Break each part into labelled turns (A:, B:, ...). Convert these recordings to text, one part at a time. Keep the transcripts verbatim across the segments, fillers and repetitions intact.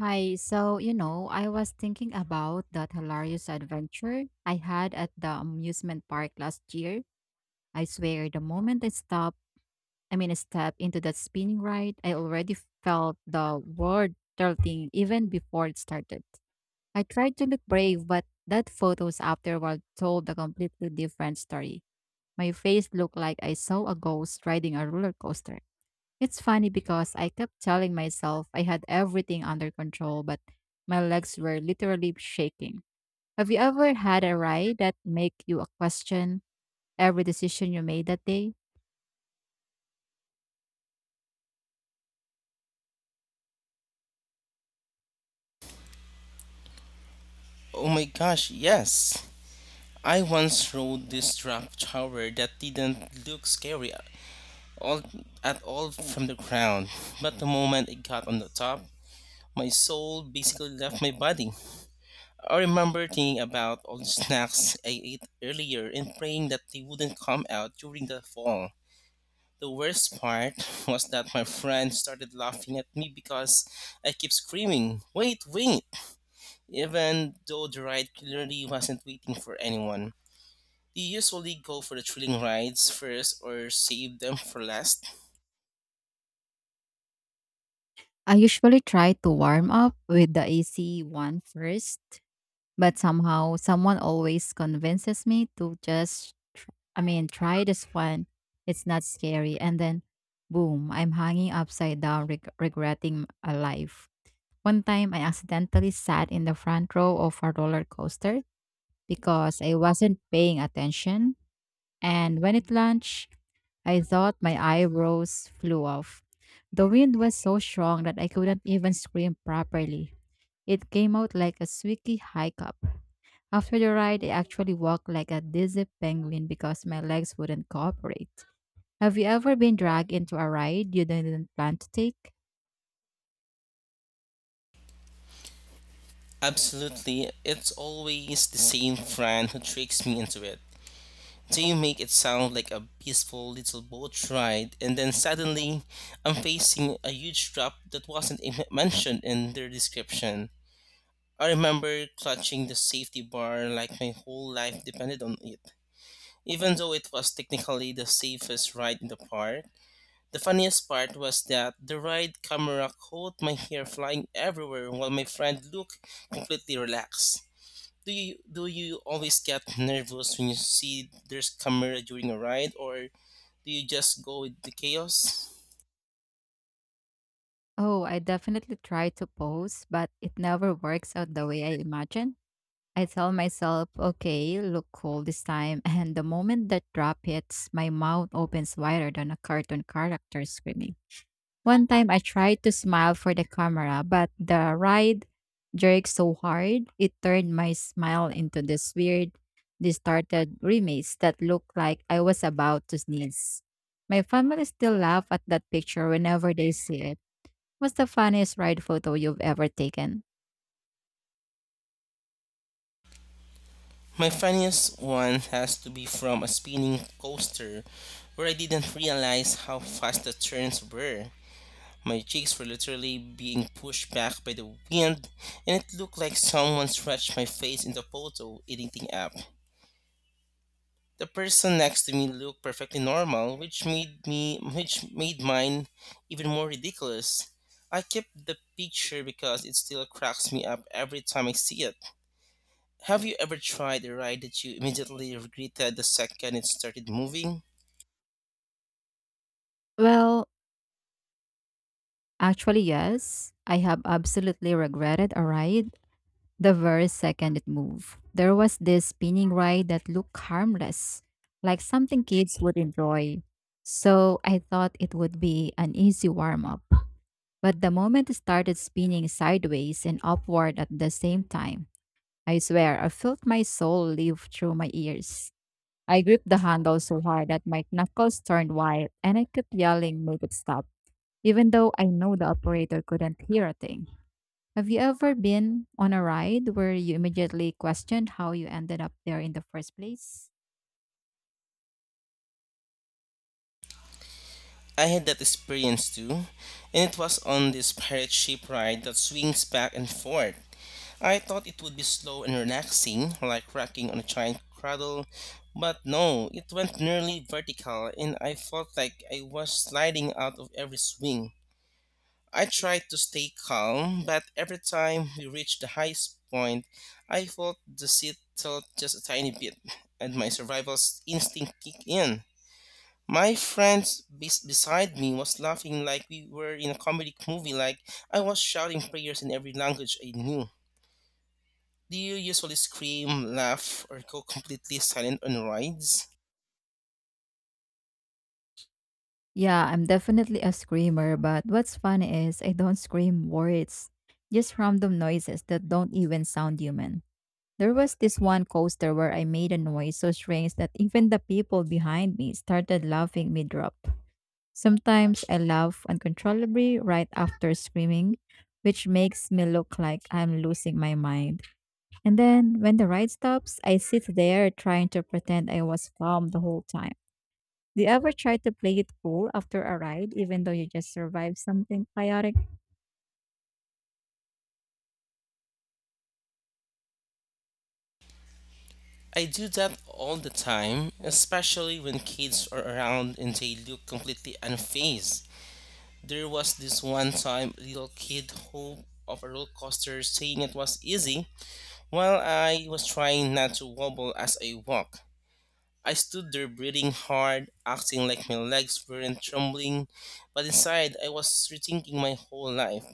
A: Hi, so you know, I was thinking about that hilarious adventure I had at the amusement park last year. I swear, the moment I stopped, I mean, I stepped into that spinning ride, I already felt the world tilting even before it started. I tried to look brave, but that photos afterward told a completely different story. My face looked like I saw a ghost riding a roller coaster. It's funny because I kept telling myself I had everything under control, but my legs were literally shaking. Have you ever had a ride that make you question every decision you made that day?
B: Oh my gosh, yes. I once rode this drop tower that didn't look scary all, at all from the ground, but the moment it got on the top, my soul basically left my body. I remember thinking about all the snacks I ate earlier and praying that they wouldn't come out during the fall. The worst part was that my friend started laughing at me because I kept screaming, Wait, wait! Even though the ride clearly wasn't waiting for anyone. Do you usually go for the thrilling rides first or save them for last?
A: I usually try to warm up with the A C one first, but somehow someone always convinces me to just, tr- I mean, try this one. It's not scary. And then, boom, I'm hanging upside down, reg- regretting a life. One time I accidentally sat in the front row of a roller coaster because I wasn't paying attention. And when it launched, I thought my eyebrows flew off. The wind was so strong that I couldn't even scream properly. It came out like a squeaky hiccup. After the ride, I actually walked like a dizzy penguin because my legs wouldn't cooperate. Have you ever been dragged into a ride you didn't plan to take?
B: Absolutely. It's always the same friend who tricks me into it. They make it sound like a peaceful little boat ride, and then suddenly I'm facing a huge drop that wasn't even mentioned in their description. I remember clutching the safety bar like my whole life depended on it, even though it was technically the safest ride in the park. The funniest part was that the ride camera caught my hair flying everywhere while my friend looked completely relaxed. Do you do you always get nervous when you see there's camera during a ride or do you just go with the chaos?
A: Oh, I definitely try to pose, but it never works out the way I imagine. I tell myself, okay, look cool this time, and the moment that drop hits, my mouth opens wider than a cartoon character screaming. One time I tried to smile for the camera, but the ride jerked so hard, it turned my smile into this weird, distorted grimace that looked like I was about to sneeze. My family still laugh at that picture whenever they see it. What's the funniest ride photo you've ever taken?
B: My funniest one has to be from a spinning coaster where I didn't realize how fast the turns were. My cheeks were literally being pushed back by the wind, and it looked like someone stretched my face in the photo editing app. The person next to me looked perfectly normal, which made me which made mine even more ridiculous. I kept the picture because it still cracks me up every time I see it. Have you ever tried a ride that you immediately regretted the second it started moving?
A: Well, actually, yes. I have absolutely regretted a ride the very second it moved. There was this spinning ride that looked harmless, like something kids would enjoy. So I thought it would be an easy warm up. But the moment it started spinning sideways and upward at the same time, I swear I felt my soul leave through my ears. I gripped the handle so hard that my knuckles turned white and I kept yelling, make it stop, even though I know the operator couldn't hear a thing. Have you ever been on a ride where you immediately questioned how you ended up there in the first place?
B: I had that experience too, and it was on this pirate ship ride that swings back and forth. I thought it would be slow and relaxing, like rocking on a giant cradle, but no, it went nearly vertical and I felt like I was sliding out of every swing. I tried to stay calm, but every time we reached the highest point, I felt the seat tilt just a tiny bit and my survival instinct kicked in. My friend bes beside me was laughing like we were in a comedic movie, like I was shouting prayers in every language I knew. Do you usually scream, laugh, or go completely silent on rides?
A: Yeah, I'm definitely a screamer, but what's funny is I don't scream words, just random noises that don't even sound human. There was this one coaster where I made a noise so strange that even the people behind me started laughing mid drop. Sometimes I laugh uncontrollably right after screaming, which makes me look like I'm losing my mind. And then when the ride stops, I sit there trying to pretend I was calm the whole time. Do you ever try to play it cool after a ride, even though you just survived something chaotic?
B: I do that all the time, especially when kids are around and they look completely unfazed. There was this one time a little kid who of a roller coaster saying it was easy while I was trying not to wobble as I walked. I stood there breathing hard, acting like my legs weren't trembling, but inside I was rethinking my whole life.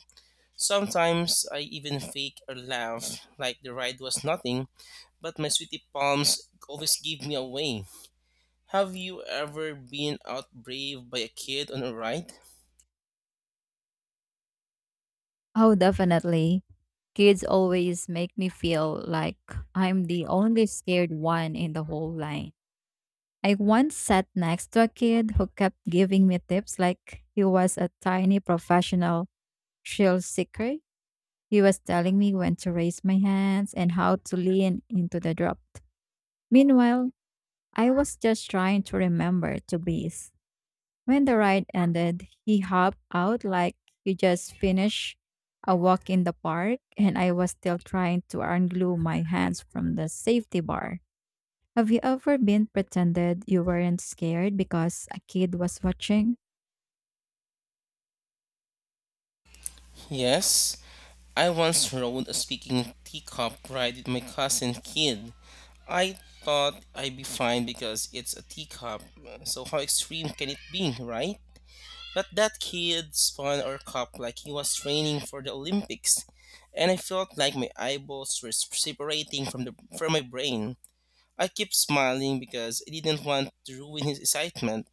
B: Sometimes I even fake a laugh, like the ride was nothing, but my sweaty palms always give me away. Have you ever been outbraved by a kid on a ride?
A: Oh, definitely. Kids always make me feel like I'm the only scared one in the whole line. I once sat next to a kid who kept giving me tips like he was a tiny professional thrill seeker. He was telling me when to raise my hands and how to lean into the drop. Meanwhile, I was just trying to remember to breathe. When the ride ended, he hopped out like he just finished a walk in the park, and I was still trying to unglue my hands from the safety bar. Have you ever been pretended you weren't scared because a kid was watching?
B: Yes, I once rode a speaking teacup ride with my cousin kid. I thought I'd be fine because it's a teacup, so how extreme can it be, right? But that kid spun or cupped like he was training for the Olympics, and I felt like my eyeballs were separating from the from my brain. I kept smiling because I didn't want to ruin his excitement,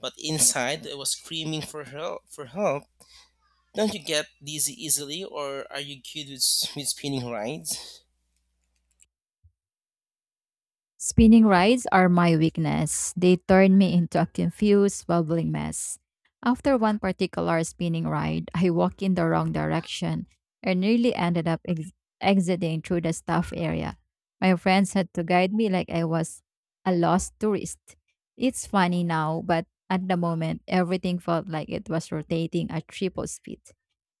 B: but inside I was screaming for help. For help! Don't you get dizzy easily, or are you good with, with spinning rides?
A: Spinning rides are my weakness. They turn me into a confused, bubbling mess. After one particular spinning ride, I walked in the wrong direction and nearly ended up ex- exiting through the staff area. My friends had to guide me like I was a lost tourist. It's funny now, but at the moment, everything felt like it was rotating at triple speed.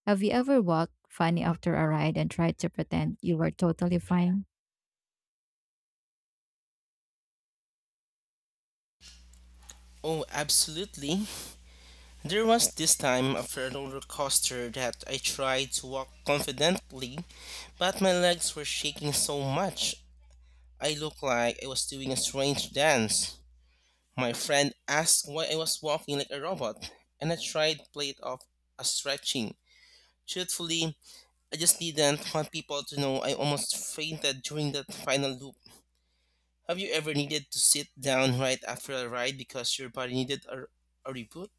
A: Have you ever walked funny after a ride and tried to pretend you were totally fine?
B: Oh, absolutely. There was this time after a roller coaster that I tried to walk confidently, but my legs were shaking so much I looked like I was doing a strange dance. My friend asked why I was walking like a robot, and I tried to play it off as stretching. Truthfully, I just didn't want people to know I almost fainted during that final loop. Have you ever needed to sit down right after a ride because your body needed a, a reboot?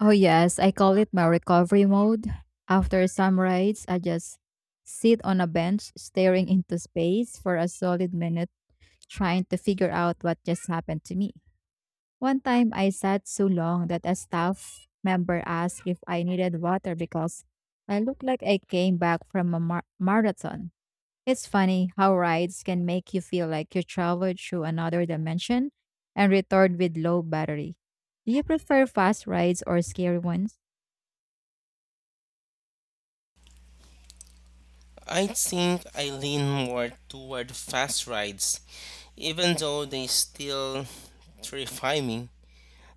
A: Oh, yes, I call it my recovery mode. After some rides, I just sit on a bench staring into space for a solid minute, trying to figure out what just happened to me. One time, I sat so long that a staff member asked if I needed water because I looked like I came back from a mar- marathon. It's funny how rides can make you feel like you traveled through another dimension and returned with low battery. Do you prefer fast rides or scary ones?
B: I think I lean more toward fast rides, even though they still terrify me.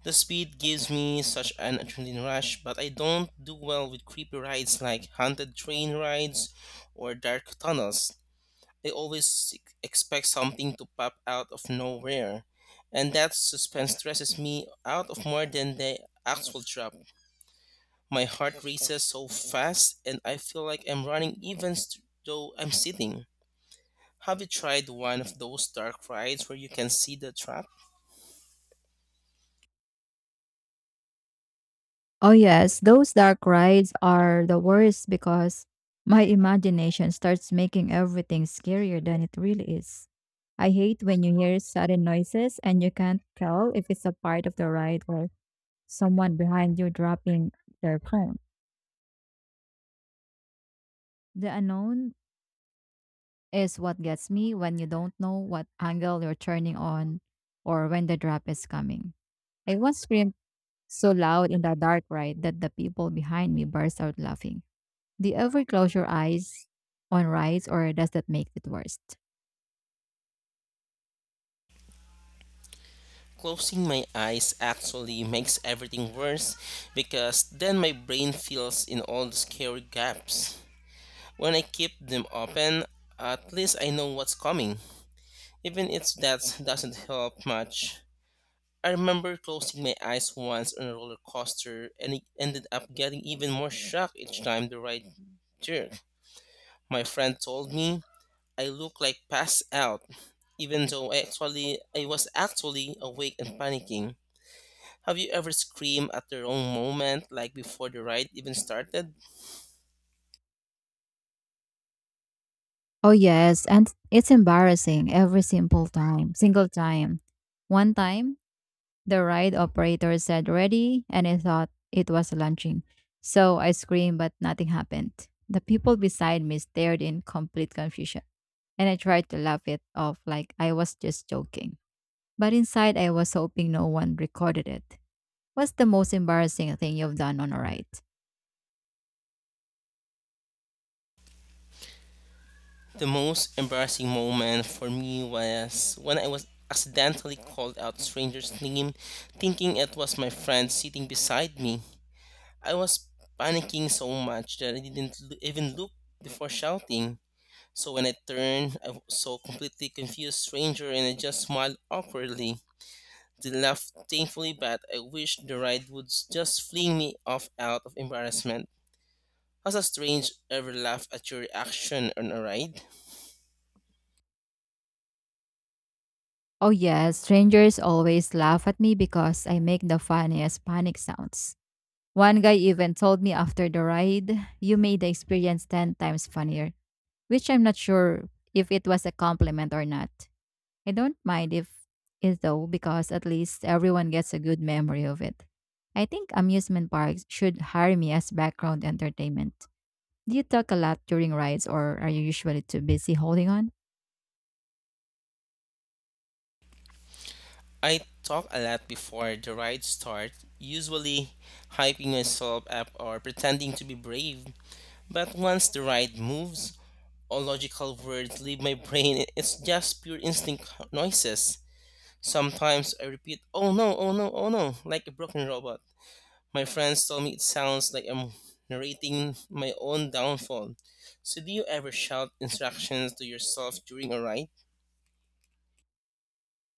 B: The speed gives me such an adrenaline rush, but I don't do well with creepy rides like haunted train rides or dark tunnels. I always ex- expect something to pop out of nowhere, and that suspense stresses me out of more than the actual drop. My heart races so fast, and I feel like I'm running even st- though I'm sitting. Have you tried one of those dark rides where you can see the track?
A: Oh, yes, those dark rides are the worst because my imagination starts making everything scarier than it really is. I hate when you hear sudden noises and you can't tell if it's a part of the ride or someone behind you dropping their phone. The unknown is what gets me when you don't know what angle you're turning on or when the drop is coming. I once screamed so loud in the dark ride that the people behind me burst out laughing. Do you ever close your eyes on rides or does that make it worse?
B: Closing my eyes actually makes everything worse because then my brain fills in all the scary gaps. When I keep them open, at least I know what's coming, even if that doesn't help much. I remember closing my eyes once on a roller coaster and it ended up getting even more shocked each time the ride jerked. My friend told me I looked like passed out, even though I actually I was actually awake and panicking. Have you ever screamed at the wrong moment, like before the ride even started?
A: Oh yes, and it's embarrassing every simple time, single time. One time the ride operator said ready, and I thought it was launching. So I screamed, but nothing happened. The people beside me stared in complete confusion, and I tried to laugh it off like I was just joking. But inside, I was hoping no one recorded it. What's the most embarrassing thing you've done on a ride?
B: The most embarrassing moment for me was when I was accidentally called out stranger's name, thinking it was my friend sitting beside me. I was panicking so much that I didn't l- even look before shouting. So when I turned, I w- saw completely confused stranger and I just smiled awkwardly. They laughed painfully, but I wished the ride would s- just fling me off out of embarrassment. Has a strange ever laugh at your reaction on a ride?
A: Oh, yes, strangers always laugh at me because I make the funniest panic sounds. One guy even told me after the ride, you made the experience ten times funnier, which I'm not sure if it was a compliment or not. I don't mind if it though because at least everyone gets a good memory of it. I think amusement parks should hire me as background entertainment. Do you talk a lot during rides or are you usually too busy holding on?
B: I talk a lot before the ride starts, usually hyping myself up or pretending to be brave. But once the ride moves, all logical words leave my brain. It's just pure instinct noises. Sometimes I repeat, oh no, oh no, oh no, like a broken robot. My friends tell me it sounds like I'm narrating my own downfall. So, do you ever shout instructions to yourself during a ride?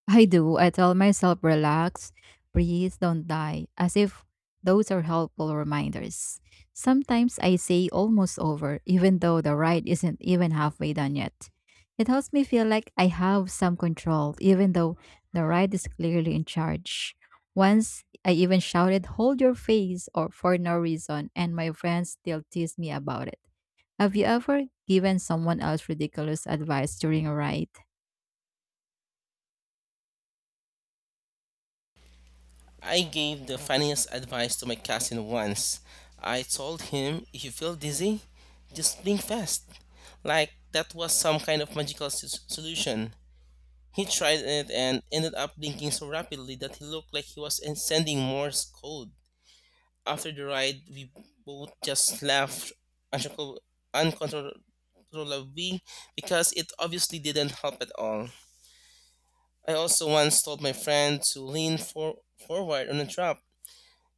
A: I do. I tell myself, relax, breathe, don't die, as if those are helpful reminders. Sometimes I say almost over, even though the ride isn't even halfway done yet. It helps me feel like I have some control, even though the ride is clearly in charge. Once I even shouted, hold your face, or for no reason, and my friends still tease me about it. Have you ever given someone else ridiculous advice during a ride?
B: I gave the funniest advice to my cousin once. I told him, if you feel dizzy, just blink fast. Like that was some kind of magical s- solution. He tried it and ended up blinking so rapidly that he looked like he was en- sending Morse code. After the ride, we both just laughed uncontrol- uncontrollably because it obviously didn't help at all. I also once told my friend to lean for- forward on a drop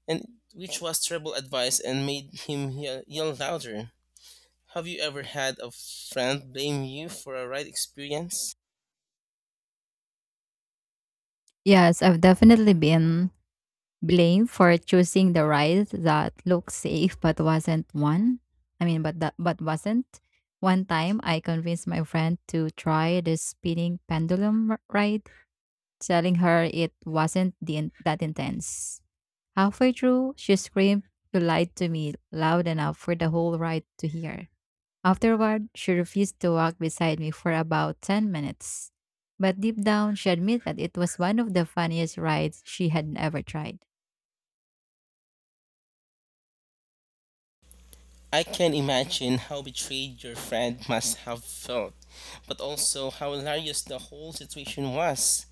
B: and which was terrible advice and made him ye- yell louder. Have you ever had a friend blame you for a right experience?
A: Yes, I've definitely been blamed for choosing the ride that looked safe but wasn't one. I mean, but that but wasn't. One time, I convinced my friend to try the spinning pendulum r- ride, telling her it wasn't the, in- that intense. Halfway through, she screamed, you lied to me, loud enough for the whole ride to hear. Afterward, she refused to walk beside me for about ten minutes. But deep down, she admitted it was one of the funniest rides she had ever tried.
B: I can imagine how betrayed your friend must have felt, but also how hilarious the whole situation was.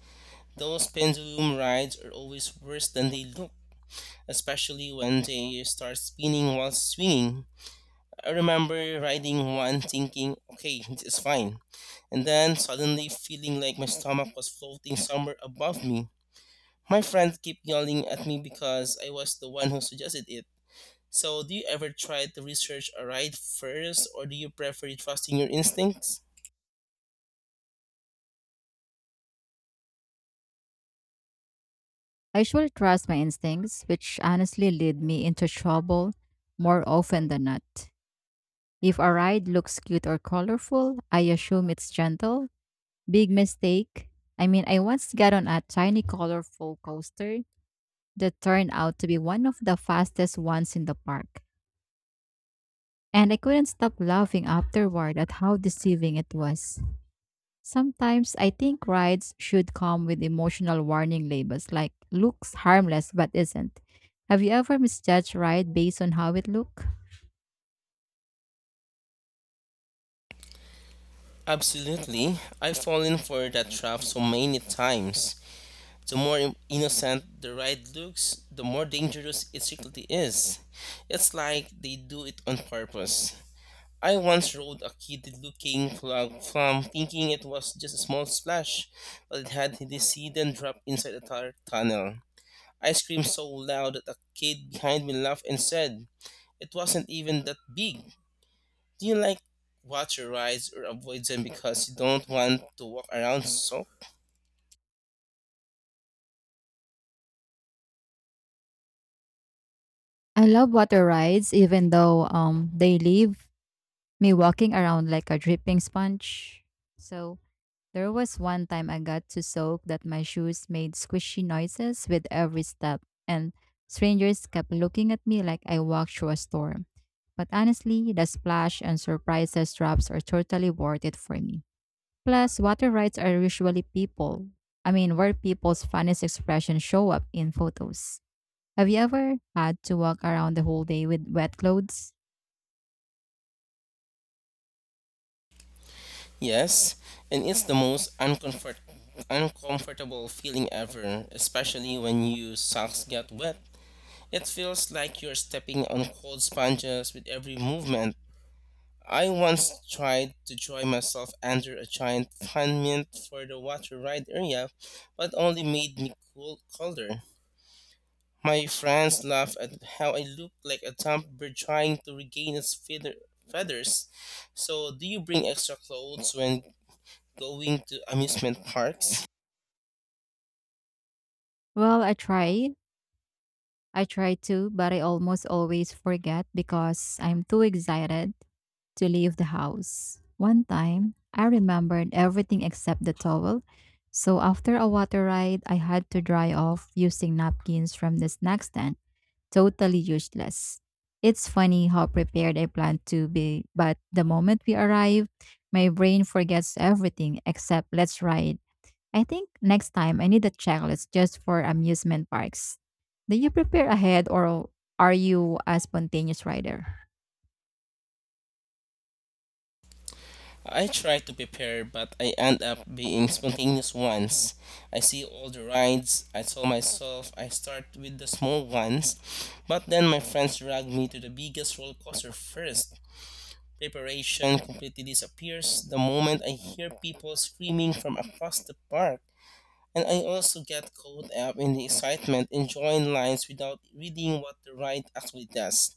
B: Those pendulum rides are always worse than they look, especially when they start spinning while swinging. I remember riding one thinking, okay, this is fine. And then suddenly feeling like my stomach was floating somewhere above me. My friends kept yelling at me because I was the one who suggested it. So, do you ever try to research a ride first, or do you prefer trusting your instincts?
A: I usually trust my instincts, which honestly lead me into trouble more often than not. If a ride looks cute or colorful, I assume it's gentle. Big mistake. I mean, I once got on a tiny colorful coaster that turned out to be one of the fastest ones in the park. And I couldn't stop laughing afterward at how deceiving it was. Sometimes I think rides should come with emotional warning labels like looks harmless but isn't. Have you ever misjudged ride based on how it look?
B: Absolutely. I've fallen for that trap so many times. The more innocent the ride looks, the more dangerous it secretly is. It's like they do it on purpose. I once rode a kid looking frog from thinking it was just a small splash, but it had this hidden drop inside a tar- tunnel. I screamed so loud that a kid behind me laughed and said, It wasn't even that big. Do you like water rides or avoid them because you don't want to walk around soaked?
A: I love water rides even though um they leave me walking around like a dripping sponge. So there was one time I got so soaked that my shoes made squishy noises with every step, and strangers kept looking at me like I walked through a storm. But honestly, the splash and surprises drops are totally worth it for me. Plus, water rides are usually people. I mean, where people's funniest expressions show up in photos. Have you ever had to walk around the whole day with wet clothes?
B: Yes, and it's the most uncomfort- uncomfortable feeling ever, especially when your socks get wet. It feels like you're stepping on cold sponges with every movement. I once tried to join myself under a giant fan monument for the water ride area, but only made me cool colder. My friends laugh at how I look like a dumb bird trying to regain its feather- feathers. So, do you bring extra clothes when going to amusement parks?
A: Well, I tried. I try to, but I almost always forget because I'm too excited to leave the house. One time, I remembered everything except the towel, so after a water ride, I had to dry off using napkins from the snack stand. Totally useless. It's funny how prepared I planned to be, but the moment we arrive, my brain forgets everything except let's ride. I think next time I need a checklist just for amusement parks. Do you prepare ahead or are you a spontaneous rider?
B: I try to prepare, but I end up being spontaneous ones. I see all the rides. I tell myself I start with the small ones, but then my friends drag me to the biggest roller coaster first. Preparation completely disappears the moment I hear people screaming from across the park. And I also get caught up in the excitement and join lines without reading what the ride actually does.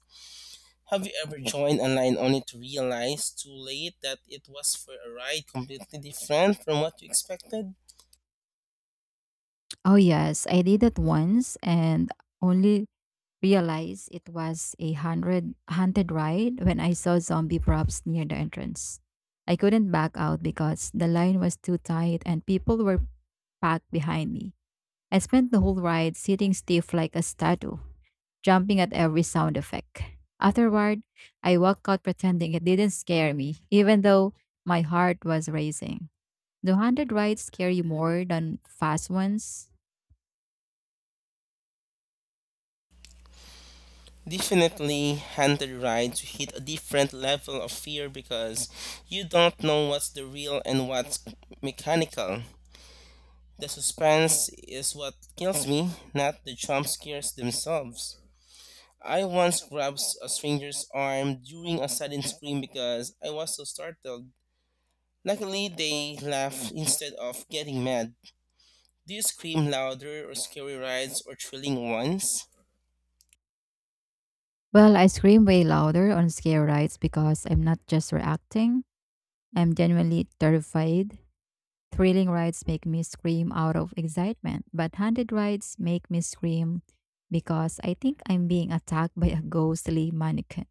B: Have you ever joined online only to realize too late that it was for a ride completely different from what you expected?
A: Oh, yes, I did it once and only realized it was a hundred haunted ride when I saw zombie props near the entrance. I couldn't back out because the line was too tight and people were packed behind me. I spent the whole ride sitting stiff like a statue, jumping at every sound effect. Afterward, I walked out pretending it didn't scare me, even though my heart was racing. Do haunted rides scare you more than fast ones?
B: Definitely, handed rides hit a different level of fear because you don't know what's the real and what's mechanical. The suspense is what kills me, not the jump scares themselves. I once grabbed a stranger's arm during a sudden scream because I was so startled. Luckily, they laughed instead of getting mad. Do you scream louder or scary rides or thrilling ones?
A: Well, I scream way louder on scare rides because I'm not just reacting. I'm genuinely terrified. Thrilling rides make me scream out of excitement, but haunted rides make me scream because I think I'm being attacked by a ghostly mannequin.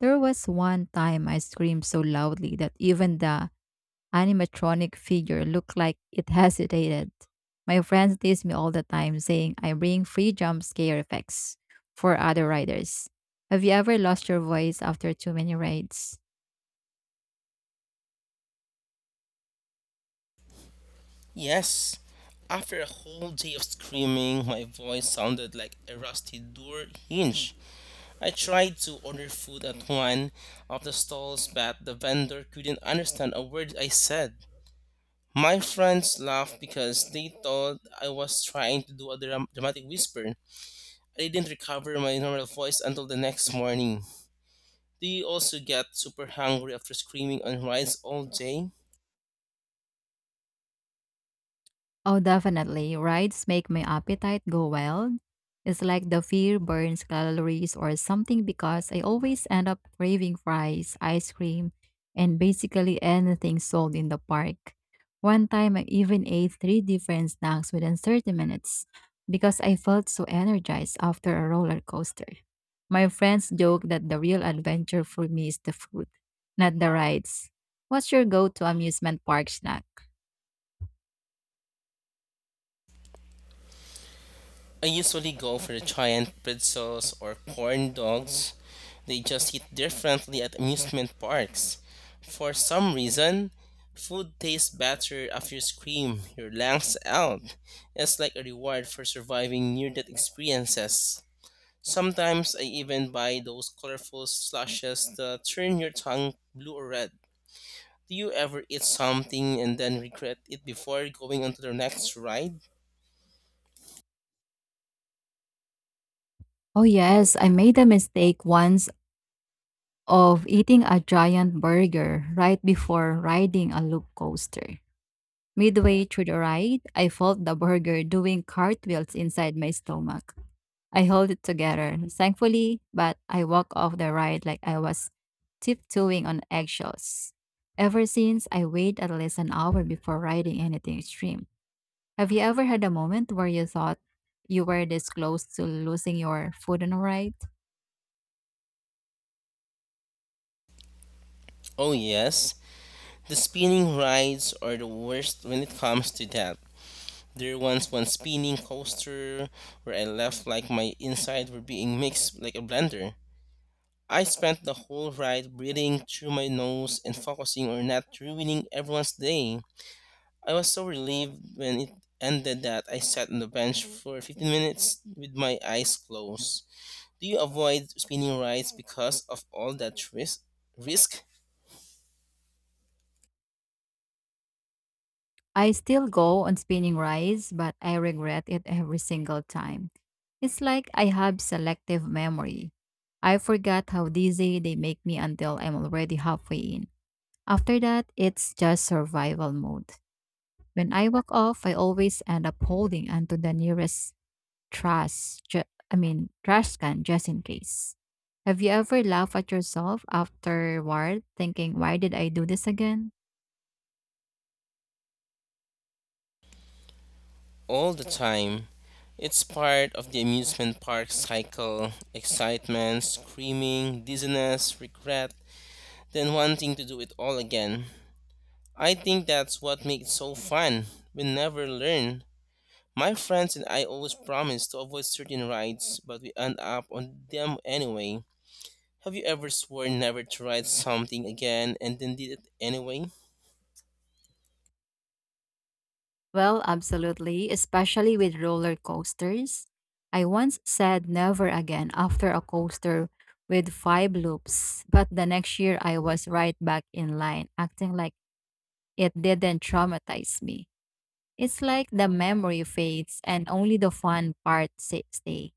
A: There was one time I screamed so loudly that even the animatronic figure looked like it hesitated. My friends tease me all the time, saying I bring free jump scare effects for other riders. Have you ever lost your voice after too many rides?
B: Yes. After a whole day of screaming, my voice sounded like a rusty door hinge. I tried to order food at one of the stalls, but the vendor couldn't understand a word I said. My friends laughed because they thought I was trying to do a dram- dramatic whisper. I didn't recover my normal voice until the next morning. Do you also get super hungry after screaming on rides all day?
A: Oh, definitely. Rides make my appetite go wild. It's like the fear burns calories or something because I always end up craving fries, ice cream, and basically anything sold in the park. One time, I even ate three different snacks within thirty minutes because I felt so energized after a roller coaster. My friends joke that the real adventure for me is the food, not the rides. What's your go to amusement park snack?
B: I usually go for the giant pretzels or corn dogs. They just hit differently at amusement parks. For some reason, food tastes better after you scream your lungs out. It's like a reward for surviving near death experiences. Sometimes I even buy those colorful slushes that turn your tongue blue or red. Do you ever eat something and then regret it before going on to the next ride?
A: Oh, yes, I made a mistake once of eating a giant burger right before riding a loop coaster. Midway through the ride, I felt the burger doing cartwheels inside my stomach. I held it together, thankfully, but I walked off the ride like I was tiptoeing on eggshells. Ever since, I wait at least an hour before riding anything extreme. Have you ever had a moment where you thought you were this close to losing your food on a ride?
B: Oh, yes. The spinning rides are the worst when it comes to that. There once one spinning coaster where I left like my inside were being mixed like a blender. I spent the whole ride breathing through my nose and focusing on not ruining everyone's day. I was so relieved when it ended that I sat on the bench for fifteen minutes with my eyes closed. Do you avoid spinning rides because of all that risk? risk?
A: I still go on spinning rides, but I regret it every single time. It's like I have selective memory. I forgot how dizzy they make me until I'm already halfway in. After that, it's just survival mode. When I walk off, I always end up holding onto the nearest trash, ju- I mean, trash can just in case. Have you ever laughed at yourself afterward, thinking, why did I do this again?
B: All the time. It's part of the amusement park cycle excitement, screaming, dizziness, regret, then wanting to do it all again. I think that's what makes it so fun. We never learn. My friends and I always promise to avoid certain rides, but we end up on them anyway. Have you ever sworn never to ride something again and then did it anyway?
A: Well, absolutely, especially with roller coasters. I once said never again after a coaster with five loops, but the next year I was right back in line, acting like it didn't traumatize me. It's like the memory fades and only the fun part sa- stay.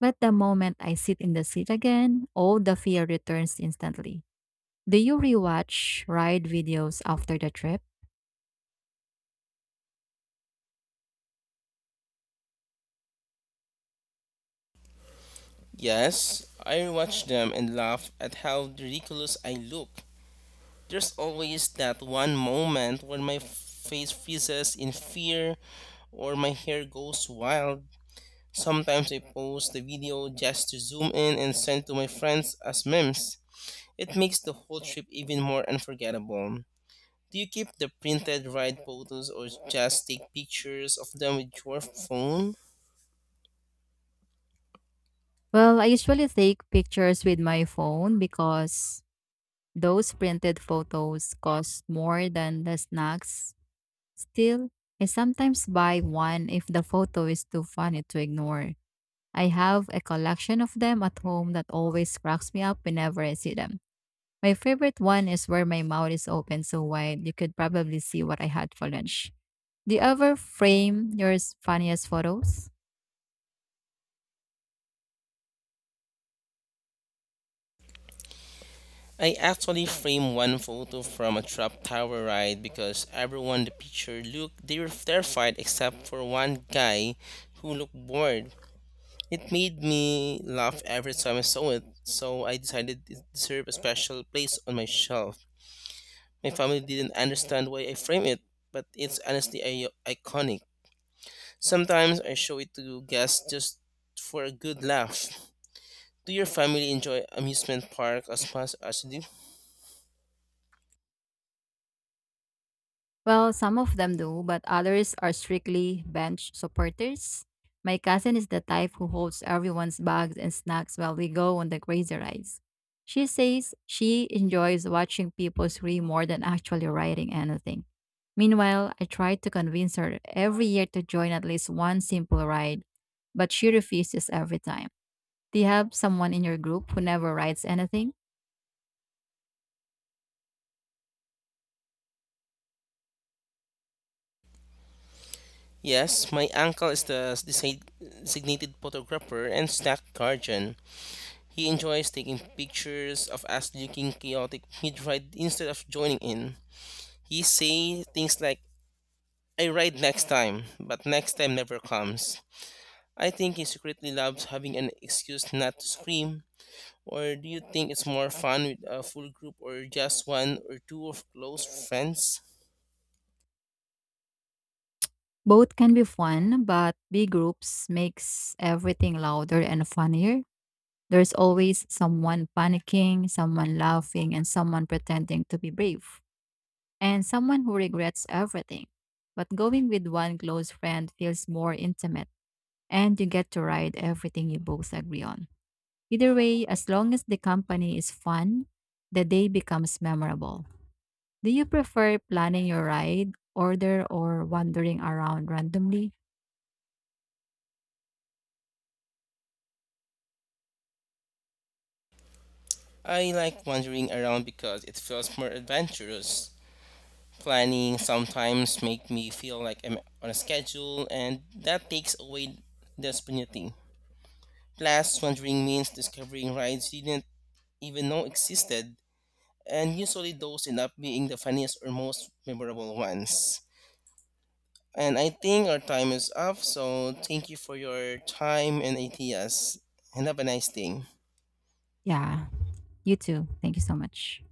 A: But the moment I sit in the seat again, all the fear returns instantly. Do you rewatch ride videos after the trip?
B: Yes, I rewatch them and laugh at how ridiculous I look. There's always that one moment when my face freezes in fear or my hair goes wild. Sometimes I post the video just to zoom in and send to my friends as memes. It makes the whole trip even more unforgettable. Do you keep the printed ride photos or just take pictures of them with your phone?
A: Well, I usually take pictures with my phone because those printed photos cost more than the snacks. Still, I sometimes buy one if the photo is too funny to ignore. I have a collection of them at home that always cracks me up whenever I see them. My favorite one is where my mouth is open so wide you could probably see what I had for lunch. Do you ever frame your funniest photos?
B: I actually framed one photo from a trap tower ride because everyone in the picture looked they were terrified except for one guy who looked bored. It made me laugh every time I saw it, so I decided it deserved a special place on my shelf. My family didn't understand why I framed it, but it's honestly I- iconic. Sometimes I show it to guests just for a good laugh. Do your family enjoy amusement park as much as you do?
A: Well, some of them do, but others are strictly bench supporters. My cousin is the type who holds everyone's bags and snacks while we go on the crazy rides. She says she enjoys watching people scream more than actually riding anything. Meanwhile, I tried to convince her every year to join at least one simple ride, but she refuses every time. Do you have someone in your group who never rides anything?
B: Yes, my uncle is the desi- designated photographer and snack guardian. He enjoys taking pictures of us looking chaotic mid-ride instead of joining in. He say things like, I ride next time, but next time never comes. I think he secretly loves having an excuse not to scream. Or do you think it's more fun with a full group or just one or two of close friends?
A: Both can be fun, but big groups makes everything louder and funnier. There's always someone panicking, someone laughing, and someone pretending to be brave, and someone who regrets everything. But going with one close friend feels more intimate, and you get to ride everything you both agree on. Either way, as long as the company is fun, the day becomes memorable. Do you prefer planning your ride, order, or wandering around randomly?
B: I like wandering around because it feels more adventurous. Planning sometimes make me feel like I'm on a schedule and that takes away the spontaneity. Plus, wandering means discovering rides you didn't even know existed, and usually those end up being the funniest or most memorable ones. And I think our time is up, so thank you for your time and ideas, and have a nice day.
A: Yeah, you too. Thank you so much.